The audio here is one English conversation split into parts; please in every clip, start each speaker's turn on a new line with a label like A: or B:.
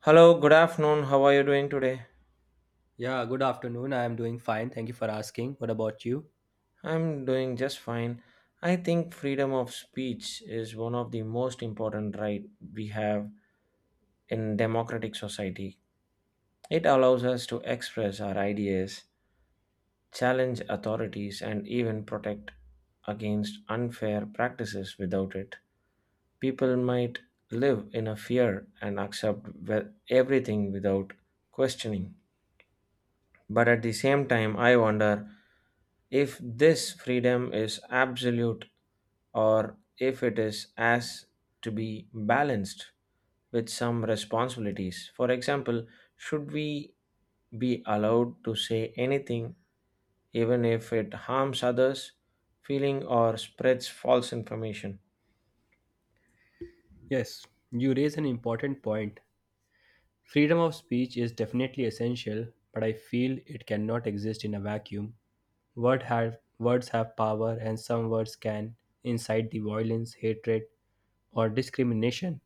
A: Hello, good afternoon. How are you doing today?
B: Yeah, good afternoon. I am doing fine. Thank you for asking. What about you?
A: I'm doing just fine. I think freedom of speech is one of the most important right we have in democratic society. It allows us to express our ideas, challenge authorities and even protect against unfair practices without it. People might live in a fear and accept everything without questioning. But at the same time, I wonder if this freedom is absolute, or if it is as to be balanced with some responsibilities. For example, should we be allowed to say anything even if it harms others, feeling, or spreads false information?
B: Yes, you raise an important point. Freedom of speech is definitely essential, but I feel it cannot exist in a vacuum. Words have power, and some words can incite the violence, hatred, or discrimination.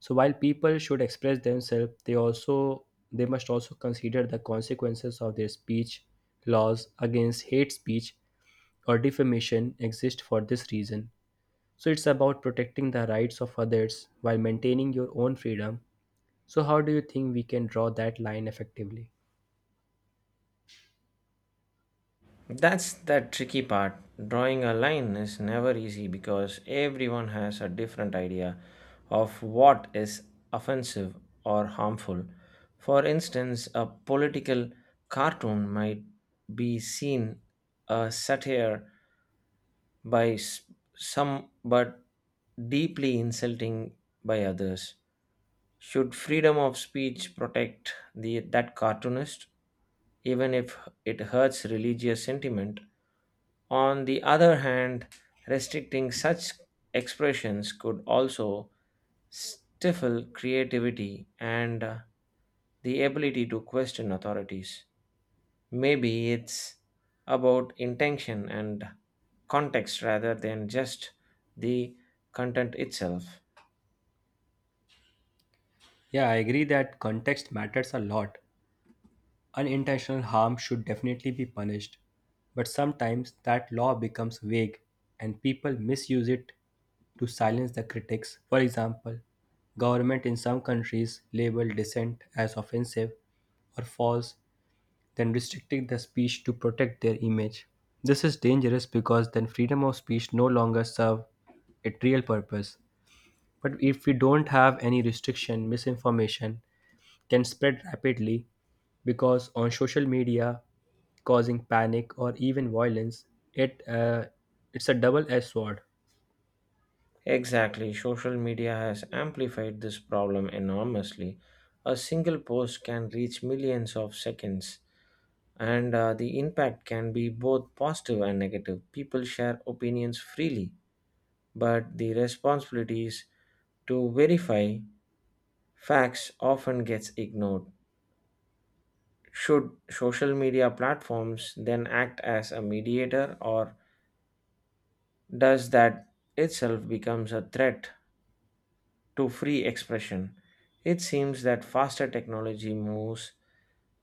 B: So while people should express themselves, they must also consider the consequences of their speech. Laws against hate speech or defamation exist for this reason. So it's about protecting the rights of others while maintaining your own freedom. So how do you think we can draw that line effectively?
A: That's the tricky part. Drawing a line is never easy because everyone has a different idea of what is offensive or harmful. For instance, a political cartoon might be seen a satire by some but deeply insulting by others. Should freedom of speech protect the that cartoonist even if it hurts religious sentiment. On the other hand, restricting such expressions could also stifle creativity and the ability to question authorities. Maybe it's about intention and context rather than just the content itself.
B: Yeah, I agree that context matters a lot. Unintentional harm should definitely be punished, but sometimes that law becomes vague and people misuse it to silence the critics. For example, government in some countries label dissent as offensive or false, then restricting the speech to protect their image. This is dangerous because then freedom of speech no longer serve a real purpose. But if we don't have any restriction, misinformation can spread rapidly because on social media, causing panic or even violence, it uh, it's a double-edged sword.
A: Exactly, social media has amplified this problem enormously. A single post can reach millions of seconds, and the impact can be both positive and negative. People share opinions freely, but the responsibilities to verify facts often gets ignored. Should social media platforms then act as a mediator, or does that itself becomes a threat to free expression. It seems that faster technology moves,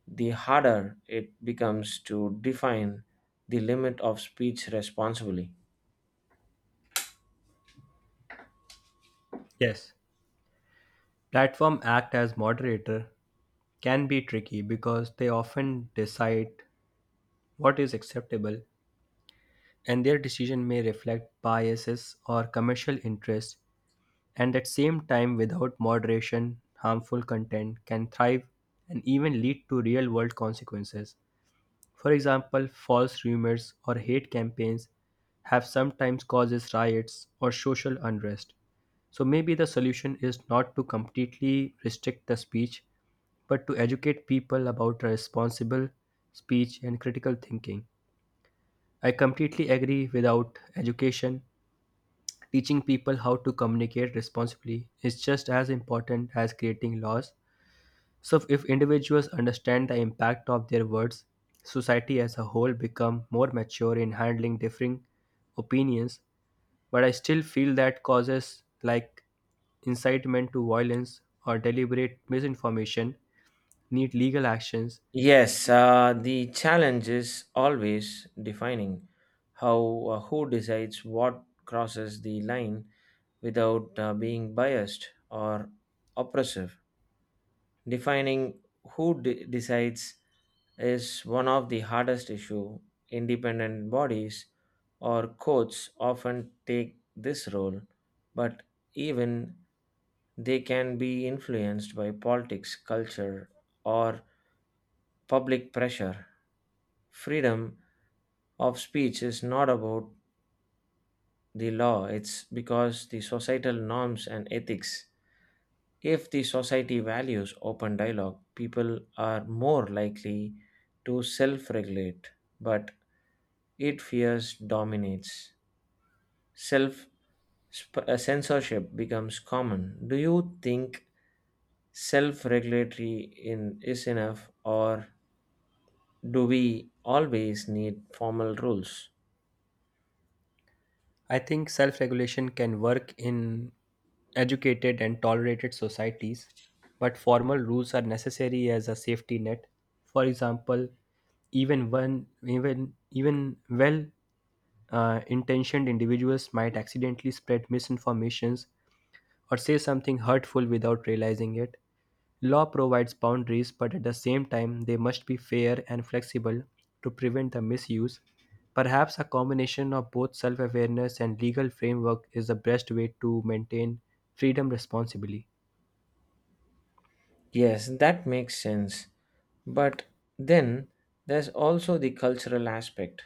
A: the harder it becomes to define the limit of speech responsibly.
B: Yes, platform act as moderator can be tricky because they often decide what is acceptable and their decision may reflect biases or commercial interests, and at same time without moderation harmful content can thrive and even lead to real world consequences. For example, false rumors or hate campaigns have sometimes causes riots or social unrest, so maybe the solution is not to completely restrict the speech but to educate people about responsible speech and critical thinking. I completely agree. Without education, teaching people how to communicate responsibly is just as important as creating laws. So if individuals understand the impact of their words, society as a whole become more mature in handling differing opinions. But I still feel that causes like incitement to violence or deliberate misinformation need legal actions.
A: Yes, the challenge is always defining how who decides what crosses the line without being biased or oppressive. Defining who decides is one of the hardest issue. Independent bodies or courts often take this role, but even they can be influenced by politics, culture, or public pressure. Freedom of speech is not about the law, it's because the societal norms and ethics. If the society values open dialogue, people are more likely to self regulate, but it fears dominates. Self censorship becomes common. Do you think self regulatory in is enough or do we always need formal rules?
B: I think self regulation can work in educated and tolerated societies, but formal rules are necessary as a safety net. For example, even one even even well intentioned individuals might accidentally spread misinformations or say something hurtful without realizing it. Law provides boundaries, but at the same time they must be fair and flexible to prevent the misuse. Perhaps a combination of both self-awareness and legal framework is the best way to maintain freedom responsibly.
A: Yes, that makes sense. But then there's also the cultural aspect.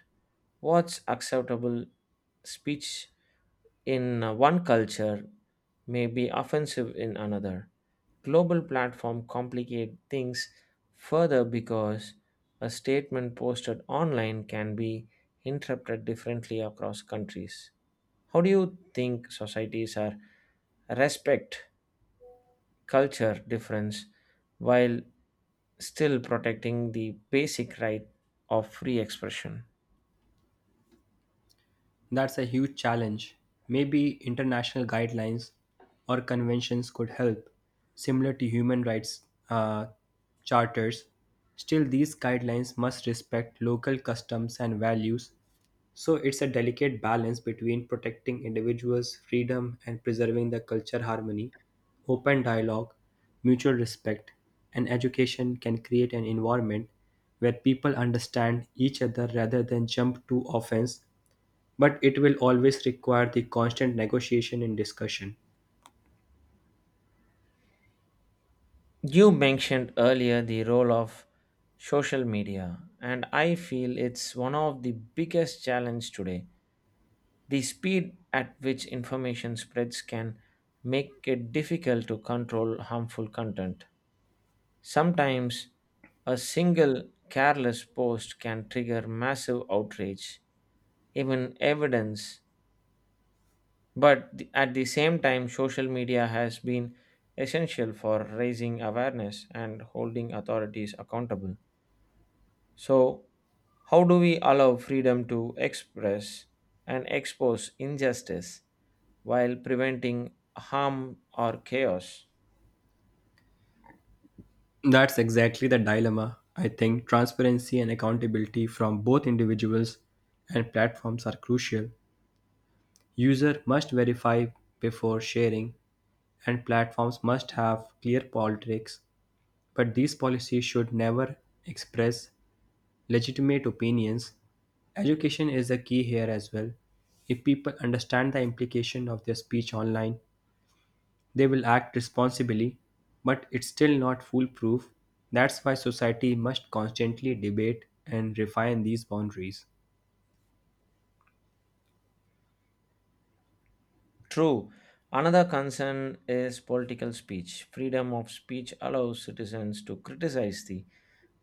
A: What's acceptable speech in one culture may be offensive in another. Global platform complicate things further because a statement posted online can be interpreted differently across countries. How do you think societies are respect culture difference while still protecting the basic right of free expression?
B: That's a huge challenge. Maybe international guidelines or conventions could help, similar to human rights uh, charters. Still, these guidelines must respect local customs and values, so it's a delicate balance between protecting individuals' freedom and preserving the culture harmony. Open dialogue, mutual respect, and education can create an environment where people understand each other rather than jump to offense, but it will always require the constant negotiation and discussion.
A: You mentioned earlier the role of social media, and I feel it's one of the biggest challenge today. The speed at which information spreads can make it difficult to control harmful content. Sometimes a single careless post can trigger massive outrage, even evidence. But at the same time, social media has been essential for raising awareness and holding authorities accountable. So, how do we allow freedom to express and expose injustice while preventing harm or chaos?
B: That's exactly the dilemma. I think transparency and accountability from both individuals and platforms are crucial. User must verify before sharing, and platforms must have clear politics, but these policies should never express legitimate opinions. Education is the key here as well. If people understand the implication of their speech online, they will act responsibly, but it's still not foolproof. That's why society must constantly debate and refine these boundaries.
A: True. Another concern is political speech. Freedom of speech allows citizens to criticize the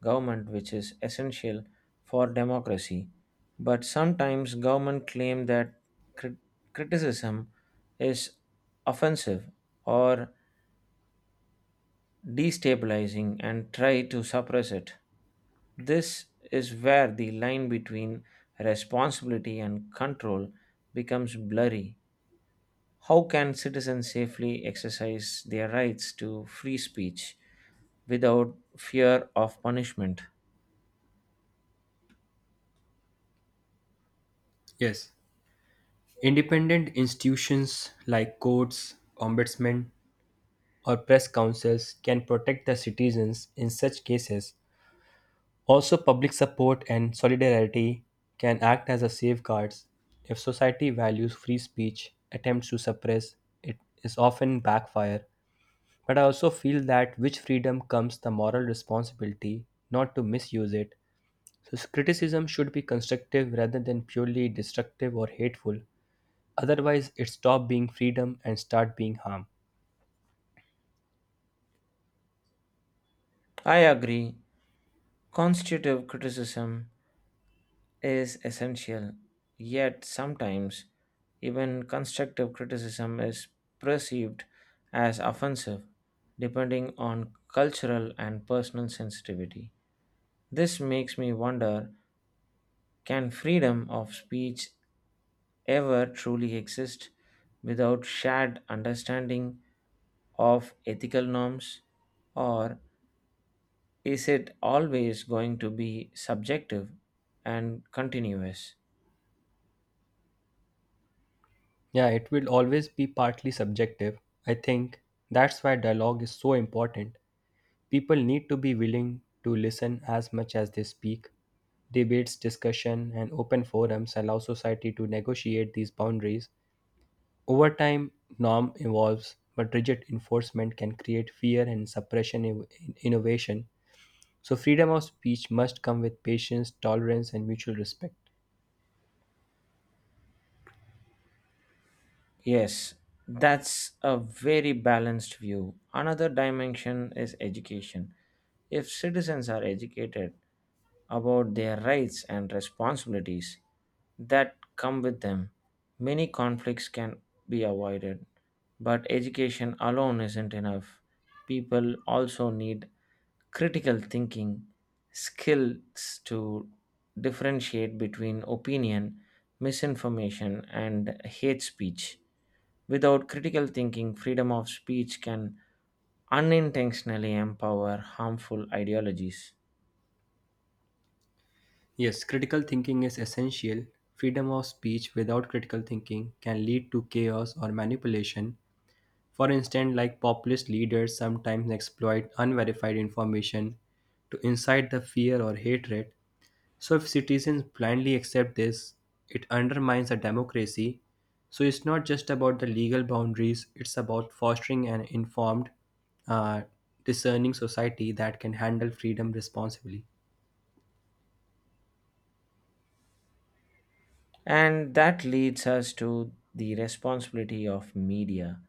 A: government, which is essential for democracy. But sometimes government claim that crit- criticism is offensive or destabilizing and try to suppress it. This is where the line between responsibility and control becomes blurry. How can citizens safely exercise their rights to free speech without fear of punishment?
B: Yes. Independent institutions like courts, ombudsmen, or press councils can protect the citizens in such cases. Also, public support and solidarity can act as a safeguards. If society values free speech, attempts to suppress it is often backfire. But I also feel that with freedom comes the moral responsibility not to misuse it. So criticism should be constructive rather than purely destructive or hateful. Otherwise, it stops being freedom and start being harm.
A: I agree. Constitutive criticism is essential, yet sometimes even constructive criticism is perceived as offensive, depending on cultural and personal sensitivity. This makes me wonder, can freedom of speech ever truly exist without shared understanding of ethical norms, or is it always going to be subjective and continuous?
B: Yeah, it will always be partly subjective. I think that's why dialogue is so important. People need to be willing to listen as much as they speak. Debates, discussion, and open forums allow society to negotiate these boundaries. Over time, norm evolves, but rigid enforcement can create fear and suppression in innovation. So, freedom of speech must come with patience, tolerance, and mutual respect.
A: Yes, that's a very balanced view. Another dimension is education. If citizens are educated about their rights and responsibilities that come with them, many conflicts can be avoided. But education alone isn't enough. People also need critical thinking skills to differentiate between opinion, misinformation, and hate speech. Without critical thinking, freedom of speech can unintentionally empower harmful ideologies.
B: Yes, critical thinking is essential. Freedom of speech without critical thinking can lead to chaos or manipulation. For instance, like populist leaders sometimes exploit unverified information to incite the fear or hatred. So if citizens blindly accept this, it undermines a democracy. So it's not just about the legal boundaries, it's about fostering an informed, uh, discerning society that can handle freedom responsibly.
A: And that leads us to the responsibility of media.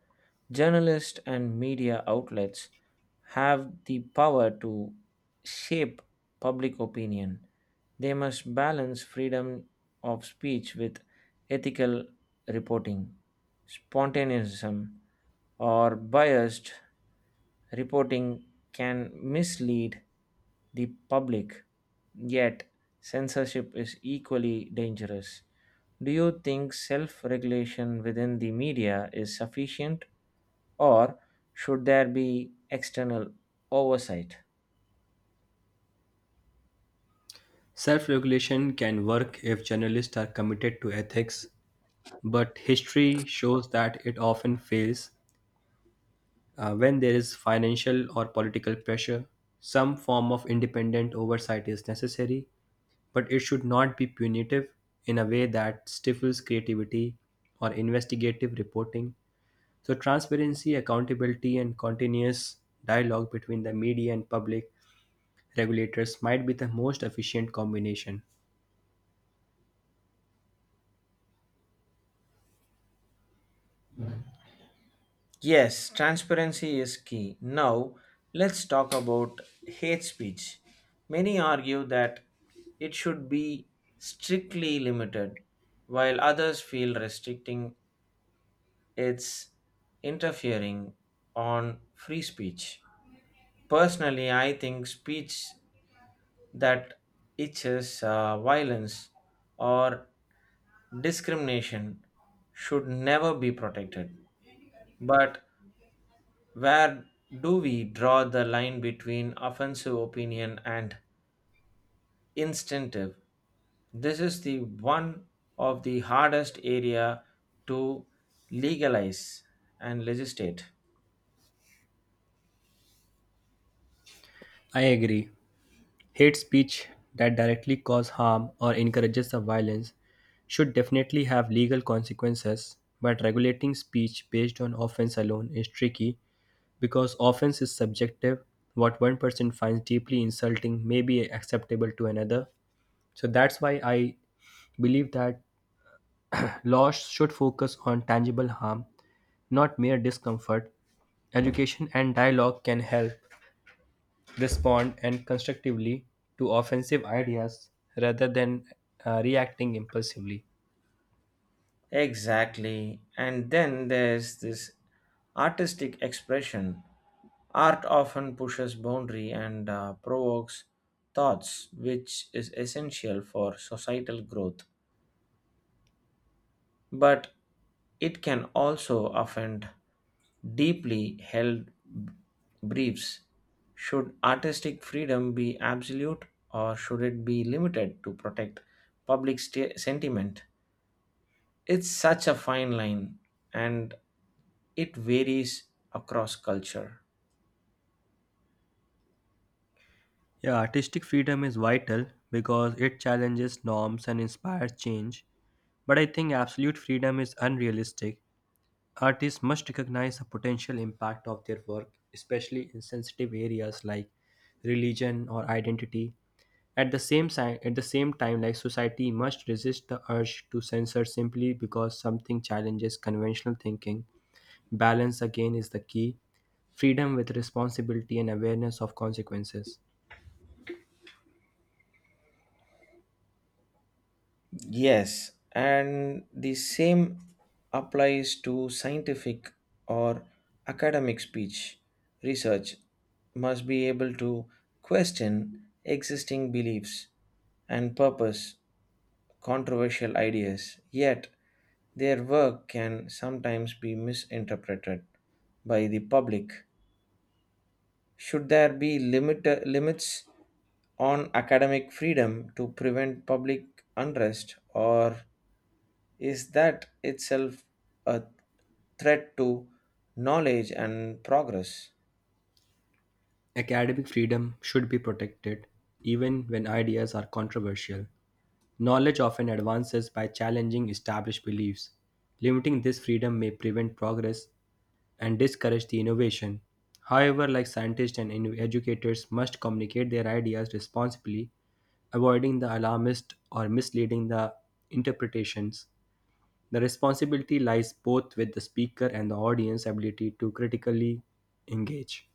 A: Journalists and media outlets have the power to shape public opinion. They must balance freedom of speech with ethical reporting, spontaneism, or biased reporting can mislead the public, yet censorship is equally dangerous. Do you think self regulation within the media is sufficient or should there be external oversight?
B: Self regulation can work if journalists are committed to ethics, but history shows that it often fails. When there is financial or political pressure, some form of independent oversight is necessary, but it should not be punitive in a way that stifles creativity or investigative reporting. So, transparency, accountability, and continuous dialogue between the media and public regulators might be the most efficient combination.
A: Yes, transparency is key. Now, let's talk about hate speech. Many argue that it should be strictly limited, while others feel restricting its interfering on free speech. Personally, I think speech that itches violence or discrimination should never be protected. But where do we draw the line between offensive opinion and instinctive? This is the one of the hardest area to legalize and legislate.
B: I agree. Hate speech that directly causes harm or encourages the violence should definitely have legal consequences, but regulating speech based on offense alone is tricky because offense is subjective. What one person finds deeply insulting may be acceptable to another. So that's why I believe that laws should focus on tangible harm, not mere discomfort. Education and dialogue can help respond and constructively to offensive ideas rather than reacting impulsively.
A: Exactly. And then there's this artistic expression. Art often pushes boundary and provokes thoughts, which is essential for societal growth. But it can also offend deeply held b- beliefs. Should artistic freedom be absolute or should it be limited to protect public sentiment? It's such a fine line, and it varies across culture.
B: Yeah, artistic freedom is vital because it challenges norms and inspires change. But I think absolute freedom is unrealistic. Artists must recognize the potential impact of their work, especially in sensitive areas like religion or identity. At the same time, like society must resist the urge to censor simply because something challenges conventional thinking. Balance again is the key, freedom with responsibility and awareness of consequences.
A: Yes, and the same applies to scientific or academic speech. Research must be able to question existing beliefs and purpose controversial ideas, yet, their work can sometimes be misinterpreted by the public. Should there be limits on academic freedom to prevent public unrest, or is that itself a threat to knowledge and progress?
B: Academic freedom should be protected, even when ideas are controversial. Knowledge often advances by challenging established beliefs. Limiting this freedom may prevent progress and discourage the innovation. However, like educators must communicate their ideas responsibly, avoiding the alarmist or misleading the interpretations. The responsibility lies both with the speaker and the audience ability to critically engage.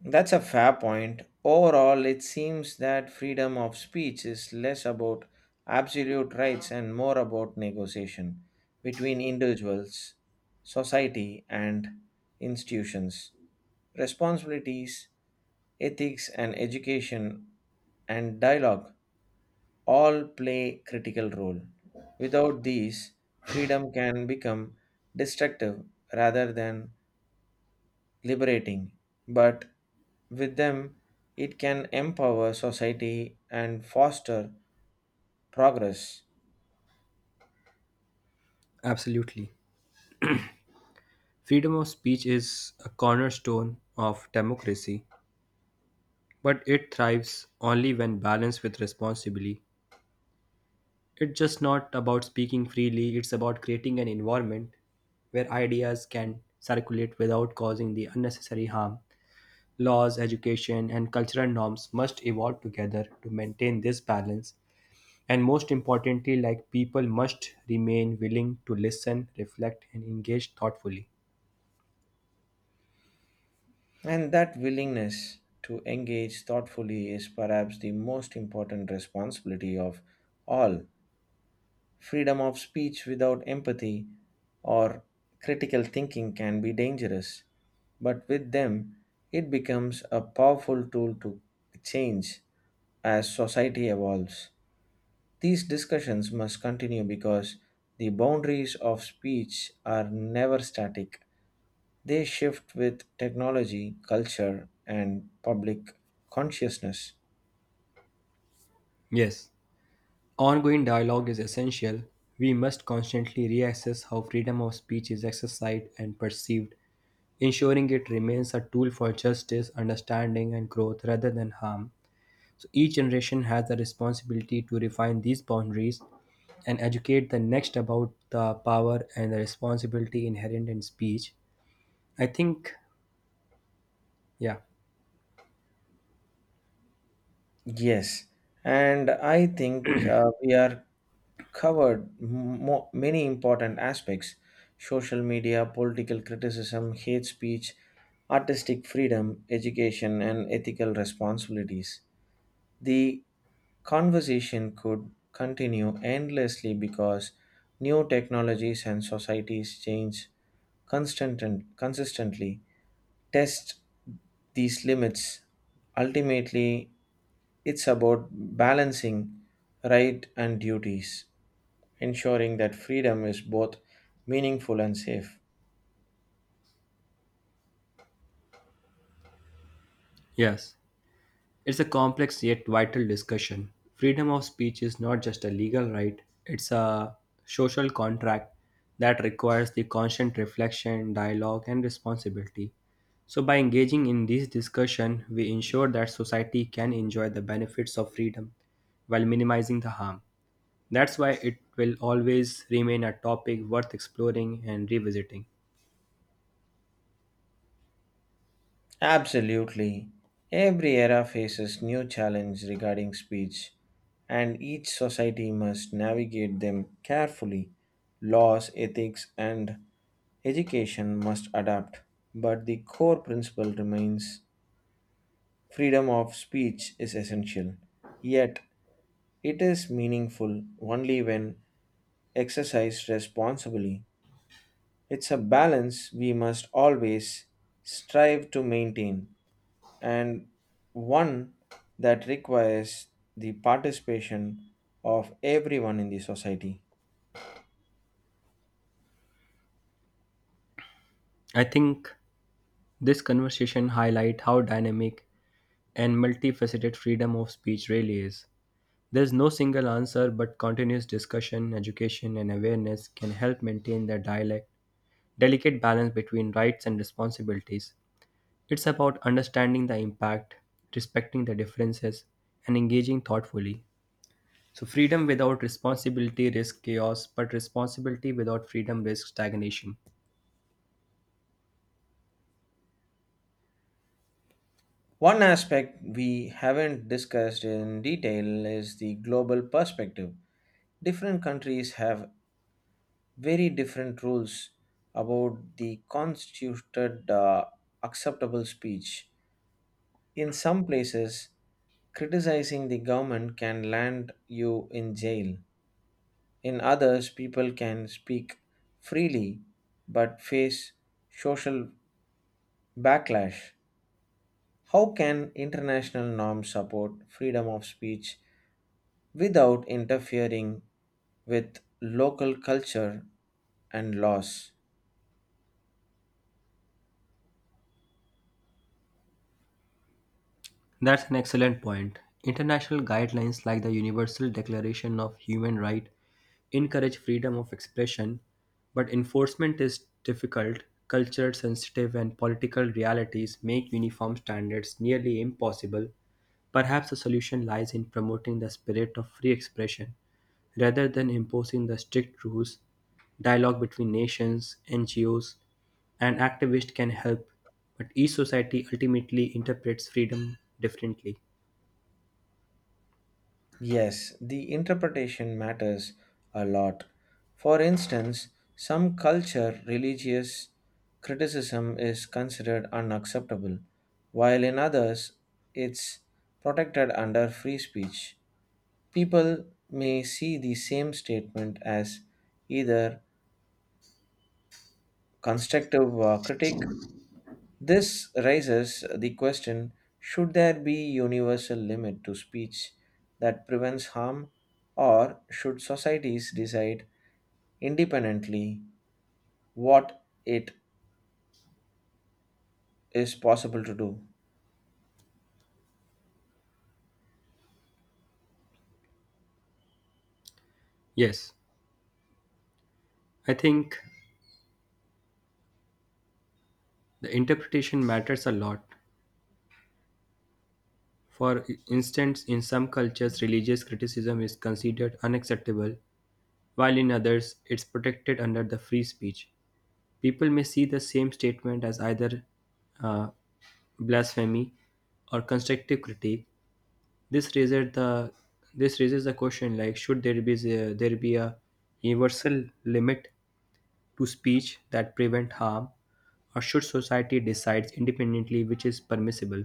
A: That's a fair point. Overall, it seems that freedom of speech is less about absolute rights and more about negotiation between individuals, society, and institutions. Responsibilities, ethics, and education and dialogue all play critical role. Without these, freedom can become destructive rather than liberating, but with them, it can empower society and foster progress.
B: Absolutely. Freedom of speech is a cornerstone of democracy, but it thrives only when balanced with responsibility. It's just not about speaking freely, it's about creating an environment where ideas can circulate without causing the unnecessary harm. Laws, education, and cultural norms must evolve together to maintain this balance. And most importantly, like people must remain willing to listen, reflect, and engage thoughtfully.
A: And that willingness to engage thoughtfully is perhaps the most important responsibility of all. Freedom of speech without empathy or critical thinking can be dangerous, but with them, it becomes a powerful tool to change as society evolves. These discussions must continue because the boundaries of speech are never static. They shift with technology, culture, and public consciousness.
B: Yes, ongoing dialogue is essential. We must constantly reassess how freedom of speech is exercised and perceived, ensuring it remains a tool for justice, understanding, and growth rather than harm. So each generation has the responsibility to refine these boundaries and educate the next about the power and the responsibility inherent in speech. I think, yeah,
A: Yes, and I think we are covered many important aspects, social media, political criticism, hate speech, artistic freedom, education, and ethical responsibilities. The conversation could continue endlessly because new technologies and societies change constant and consistently test these limits. Ultimately it's about balancing right and duties, ensuring that freedom is both meaningful and safe.
B: yes. It's a complex yet vital discussion. Freedom of speech is not just a legal right, it's a social contract that requires the constant reflection, dialogue, and responsibility. So, by engaging in this discussion, we ensure that society can enjoy the benefits of freedom while minimizing the harm. That's why it will always remain a topic worth exploring and revisiting.
A: Absolutely. Every era faces new challenges regarding speech, and each society must navigate them carefully. Laws, ethics, and education must adapt, but the core principle remains, freedom of speech is essential. Yet, it is meaningful only when exercised responsibly. It's a balance we must always strive to maintain, and one that requires the participation of everyone in the society.
B: I think this conversation highlights how dynamic and multifaceted freedom of speech really is. There's no single answer, but continuous discussion, education, and awareness can help maintain the delicate balance between rights and responsibilities. It's about understanding the impact, respecting the differences, and engaging thoughtfully. So, freedom without responsibility risks chaos, but responsibility without freedom risks stagnation.
A: One aspect we haven't discussed in detail is the global perspective. Different countries have very different rules about the constituted acceptable speech. In some places, criticizing the government can land you in jail. In others, people can speak freely but face social backlash. How can international norms support freedom of speech without interfering with local culture and laws?
B: That's an excellent point. International guidelines like the Universal Declaration of Human Rights encourage freedom of expression, but enforcement is difficult. Culture sensitive and political realities make uniform standards nearly impossible. Perhaps the solution lies in promoting the spirit of free expression rather than imposing the strict rules. Dialogue between nations, NGOs, and activists can help, but each society ultimately interprets freedom differently.
A: Yes, the interpretation matters a lot. For instance, some culture religious criticism is considered unacceptable, while in others it's protected under free speech. People may see the same statement as either constructive critic. This raises the question, should there be universal limit to speech that prevents harm or should societies decide independently what it is possible to do?
B: Yes, I think the interpretation matters a lot. For instance, in some cultures, religious criticism is considered unacceptable, while in others, it's protected under the free speech. People may see the same statement as either uh, blasphemy or constructive critique. This raises the this raises the question like should there be a universal limit to speech that prevent harm, or should society decide independently which is permissible?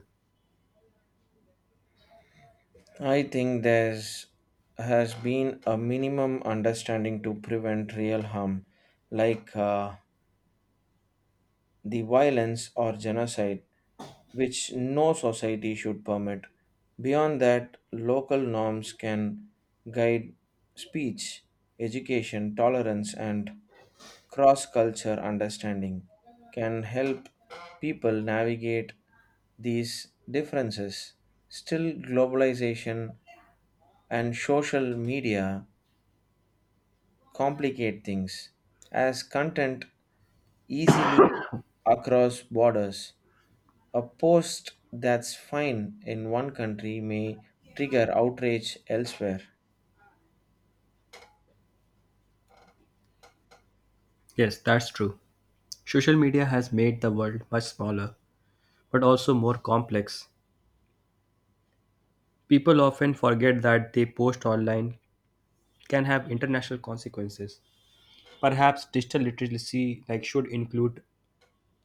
A: I think there's has been a minimum understanding to prevent real harm like the violence or genocide which no society should permit. Beyond that, local norms can guide speech, education, tolerance, and cross culture understanding, can help people navigate these differences. Still, globalization and social media complicate things as content easily across borders. A post that's fine in one country may trigger outrage elsewhere.
B: Yes, that's true. Social media has made the world much smaller, but also more complex. People often forget that they post online can have international consequences. Perhaps digital literacy like should include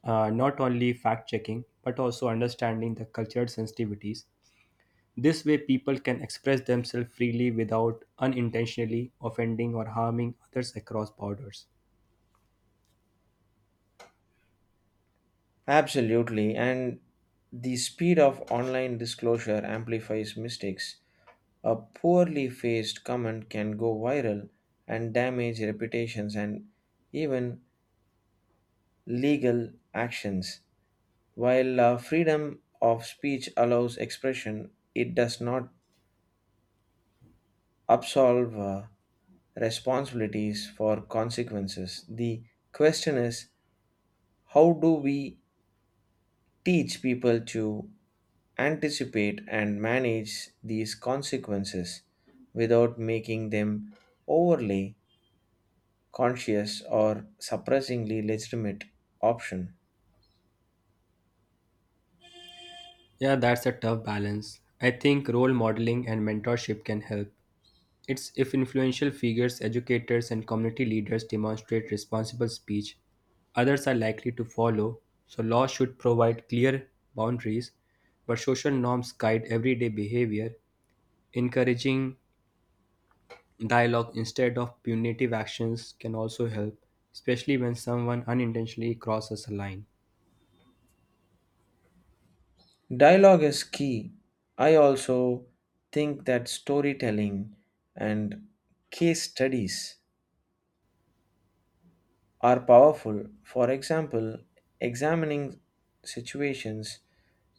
B: not only fact checking but also understanding the cultural sensitivities. This way, people can express themselves freely without unintentionally offending or harming others across borders.
A: Absolutely, and the speed of online disclosure amplifies mistakes. A poorly faced comment can go viral and damage reputations and even legal actions. While freedom of speech allows expression, it does not absolve responsibilities for consequences. The question is, how do we teach people to anticipate and manage these consequences without making them overly conscious or suppressingly legitimate option?
B: Yeah, that's a tough balance. I think role modeling and mentorship can help. It's if influential figures, educators, and community leaders demonstrate responsible speech, others are likely to follow. So, laws should provide clear boundaries, but social norms guide everyday behavior. Encouraging dialogue instead of punitive actions can also help, especially when someone unintentionally crosses a line.
A: Dialogue is key. I also think that storytelling and case studies are powerful. For example, examining situations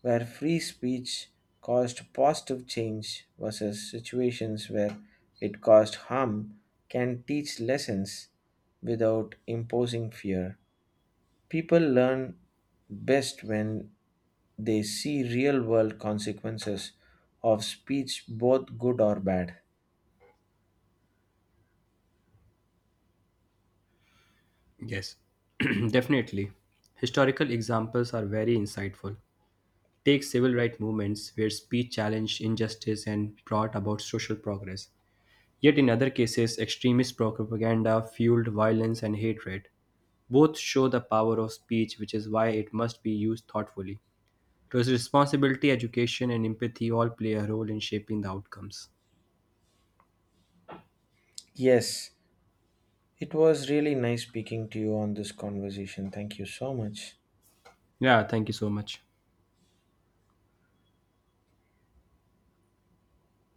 A: where free speech caused positive change versus situations where it caused harm can teach lessons without imposing fear. People learn best when they see real world consequences of speech, both good or bad.
B: Yes, definitely. Historical examples are very insightful. Take civil rights movements where speech challenged injustice and brought about social progress. Yet in other cases, extremist propaganda fueled violence and hatred. Both show the power of speech, which is why it must be used thoughtfully. So it's responsibility, education, and empathy all play a role in shaping the outcomes.
A: Yes, it was really nice speaking to you on this conversation. Thank you so much.
B: Yeah, thank you so much.